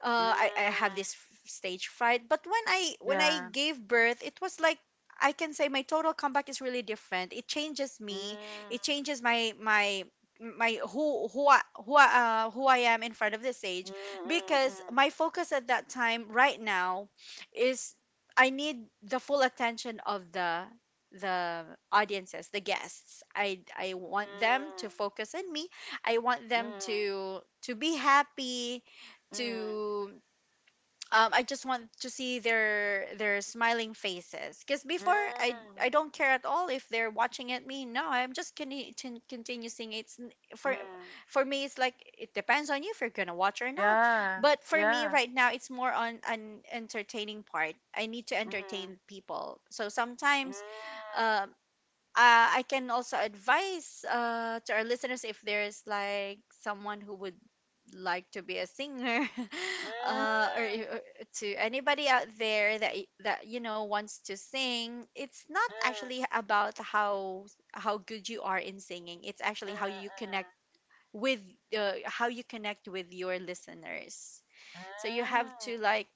I have
mm.
this stage fright. But when I
Yeah.
gave birth, it was like, I can say my total comeback is really different. It changes me.
Mm,
It changes my who I am in front of the stage,
mm,
because
mm,
my focus at that time right now is, I need the full attention of the audiences, the guests. I want them
mm,
to focus on me. I want them
mm,
to be happy,
mm,
to I just want to see their smiling faces. Because before, I
mm,
I don't care at all if they're watching at me. No, I'm just gonna to continue seeing it.
mm,
For
mm.
for me, it's like, it depends on you if you're gonna watch or not.
Yeah,
But for me
yeah.
right now, it's more on an entertaining part. I need to entertain
Mhm.
people. So
Mm.
sometimes um I can also advise to our listeners, if there's like someone who would like to be a singer,
Mm.
or to anybody out there that that, you know, wants to sing, it's not
Mm.
actually about how good you are in singing. It's actually how you
Mm.
connect with, how you connect with your listeners.
Mm.
So you have
Mm.
to like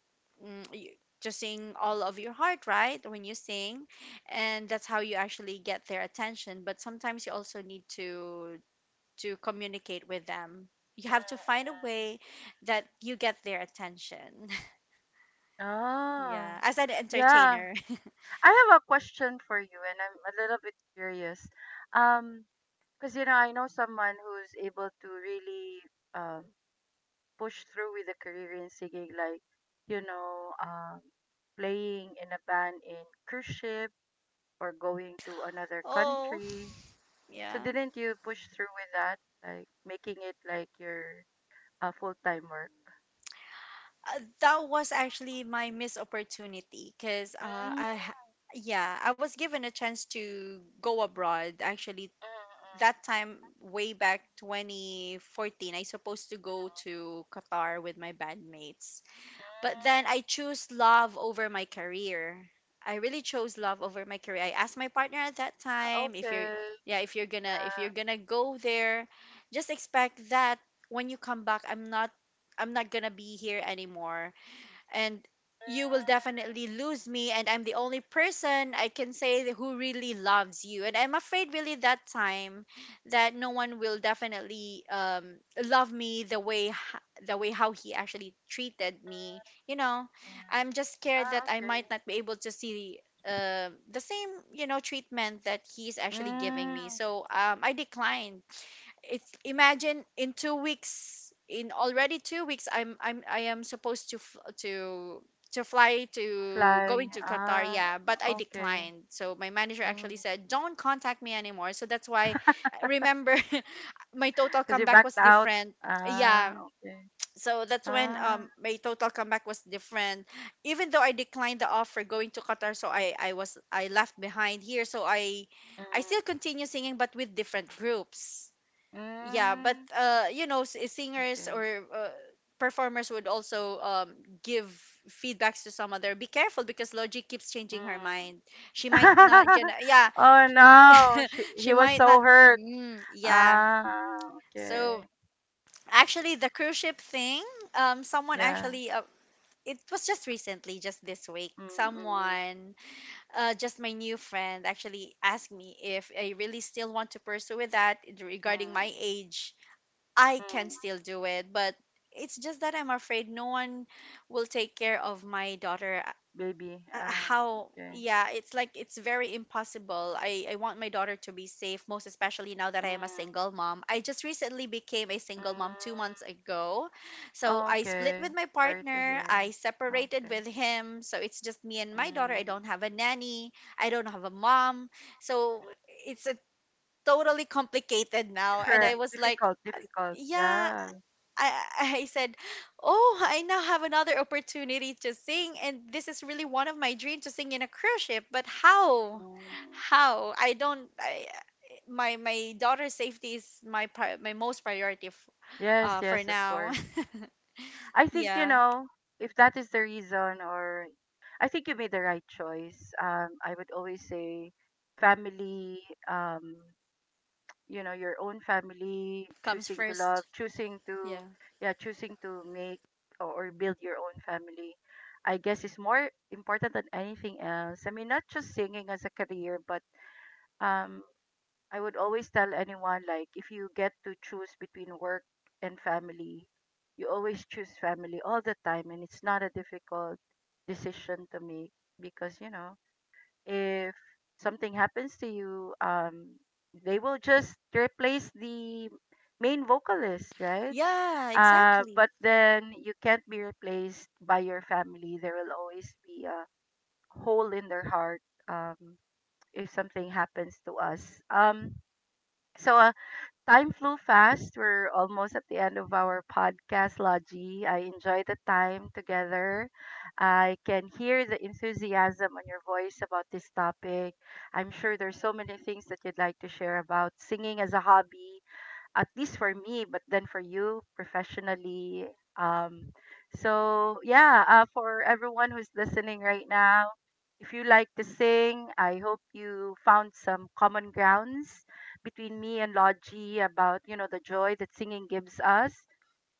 mm, you, to sing all of your heart, right, when you sing. And that's how you actually get their attention. But sometimes you also need to communicate with them. You have to find
Mm.
a way that you get their attention.
Oh.
Yeah, as an
Yeah.
entertainer.
I have a question for you and I'm a little bit curious. Um, because, you know, I know someone who's able to really, um push through with a career in singing, like, you know, playing in a band in cruise ship, or going to another
Oh,
country. So
yeah.
didn't you push through with that, like making it like your, full time work?
That was actually my missed opportunity, because
Mm, mm,
I, ha- yeah, I was given a chance to go abroad. Actually,
mm,
that time way back 2014, I supposed to go
mm,
to Qatar with my bandmates. But then
mm.
I choose love over my career. I really chose love over my career. I asked my partner at that time, "If you're
Okay,
yeah, if you're gonna
yeah.
go there, just expect that when you come back, I'm not gonna be here anymore, and you will
Mm.
definitely lose me, and I'm the only person, I can say, that who really loves you." And I'm afraid, really, that time that no one will definitely love me the way the way how he actually treated me, you know.
Mm.
I'm just scared that
Ah,
I might not
okay.
be able to see uh the same, you know, treatment that he's actually giving me.
Mm,
So I declined. If imagine, in two weeks, in already two weeks, I'm I am supposed to to fly to
fly.
going to Qatar.
Ah,
Yeah, but I
okay.
declined. So my manager actually
Mm.
said, "Don't contact me anymore." So that's why I remember my total
Cause you
comeback was
backed out.
different. Yeah.
Ah, okay.
So that's when,
Ah,
my total comeback was different. Even though I declined the offer going to Qatar, so I was I left behind here. So I
mm,
still continue singing, but with different groups. Yeah. But
mm,
you know, singers
okay.
or uh, performers would also give feedbacks to some other, be careful because Logic keeps changing her
Mm.
mind. She might yeah,
Oh no, she, he
she
was
might
so hurt.
not. Yeah.
Ah,
So
okay.
actually, the cruise ship thing, someone
Yeah.
actually it was just recently, just this week,
Mm, mm,
someone, just my new friend actually asked me if I really still want to pursue with that
mm,
regarding
mm,
my age. I can
mm.
still do it, but it's just that I'm afraid no one will take care of my daughter.
Baby. Ah,
How?
okay.
Yeah, it's like, it's very impossible. I want my daughter to be safe, most especially now that I am a
Mm,
single mom. I just recently became a
mm.
single mom two months ago. So I split
Okay.
with my
Sorry to
partner, I
hear.
separated
Okay.
with him. So it's just me and my daughter. I
Mm.
don't have a nanny, I don't have a mom. So it's a totally complicated now. And
Different.
I was like,
Difficult. Difficult.
yeah,
Yeah.
I said, "Oh, I now have another opportunity to sing, and this is really one of my dreams, to sing in a cruise ship, but how?
Mm.
How? I don't I my daughter's safety is my my most priority
Yes,
for
yes, of
now."
course. I think, you
Yeah,
know, if that is the reason, or I think you made the right choice. I would always say family, um, you know, your own family,
comes
choosing to
first.
love, choosing to,
Yeah.
yeah, choosing to make, or build your own family, I guess, is more important than anything else. I mean, not just singing as a career, but, um I would always tell anyone, like, if you get to choose between work and family, you always choose family all the time, and it's not a difficult decision to make, because, you know, if something happens to you, they will just replace the main vocalist, right?
Yeah, exactly.
But then you can't be replaced by your family. There will always be a hole in their heart, um, if something happens to us. So, time flew fast. We're almost at the end of our podcast, Logie. I enjoy the time together. I can hear the enthusiasm on your voice about this topic. I'm sure there's so many things that you'd like to share about singing as a hobby, at least for me, but then for you professionally. um so yeah, for everyone who's listening right now, if you like to sing, I hope you found some common grounds between me and Logie about, you know, the joy that singing gives us.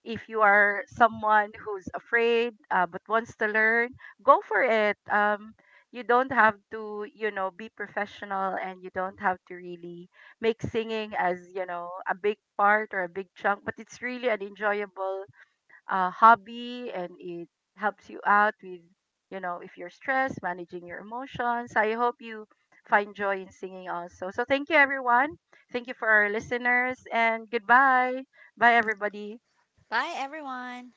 If you are someone who's afraid, but wants to learn, go for it. You don't have to, you know, be professional, and you don't have to really make singing as, you know, a big part or a big chunk, but it's really an enjoyable, hobby, and it helps you out with, you know, if you're stressed, managing your emotions. I hope you find joy in singing also. So thank you, everyone. Thank you for our listeners and goodbye. Bye, everybody.
Bye everyone.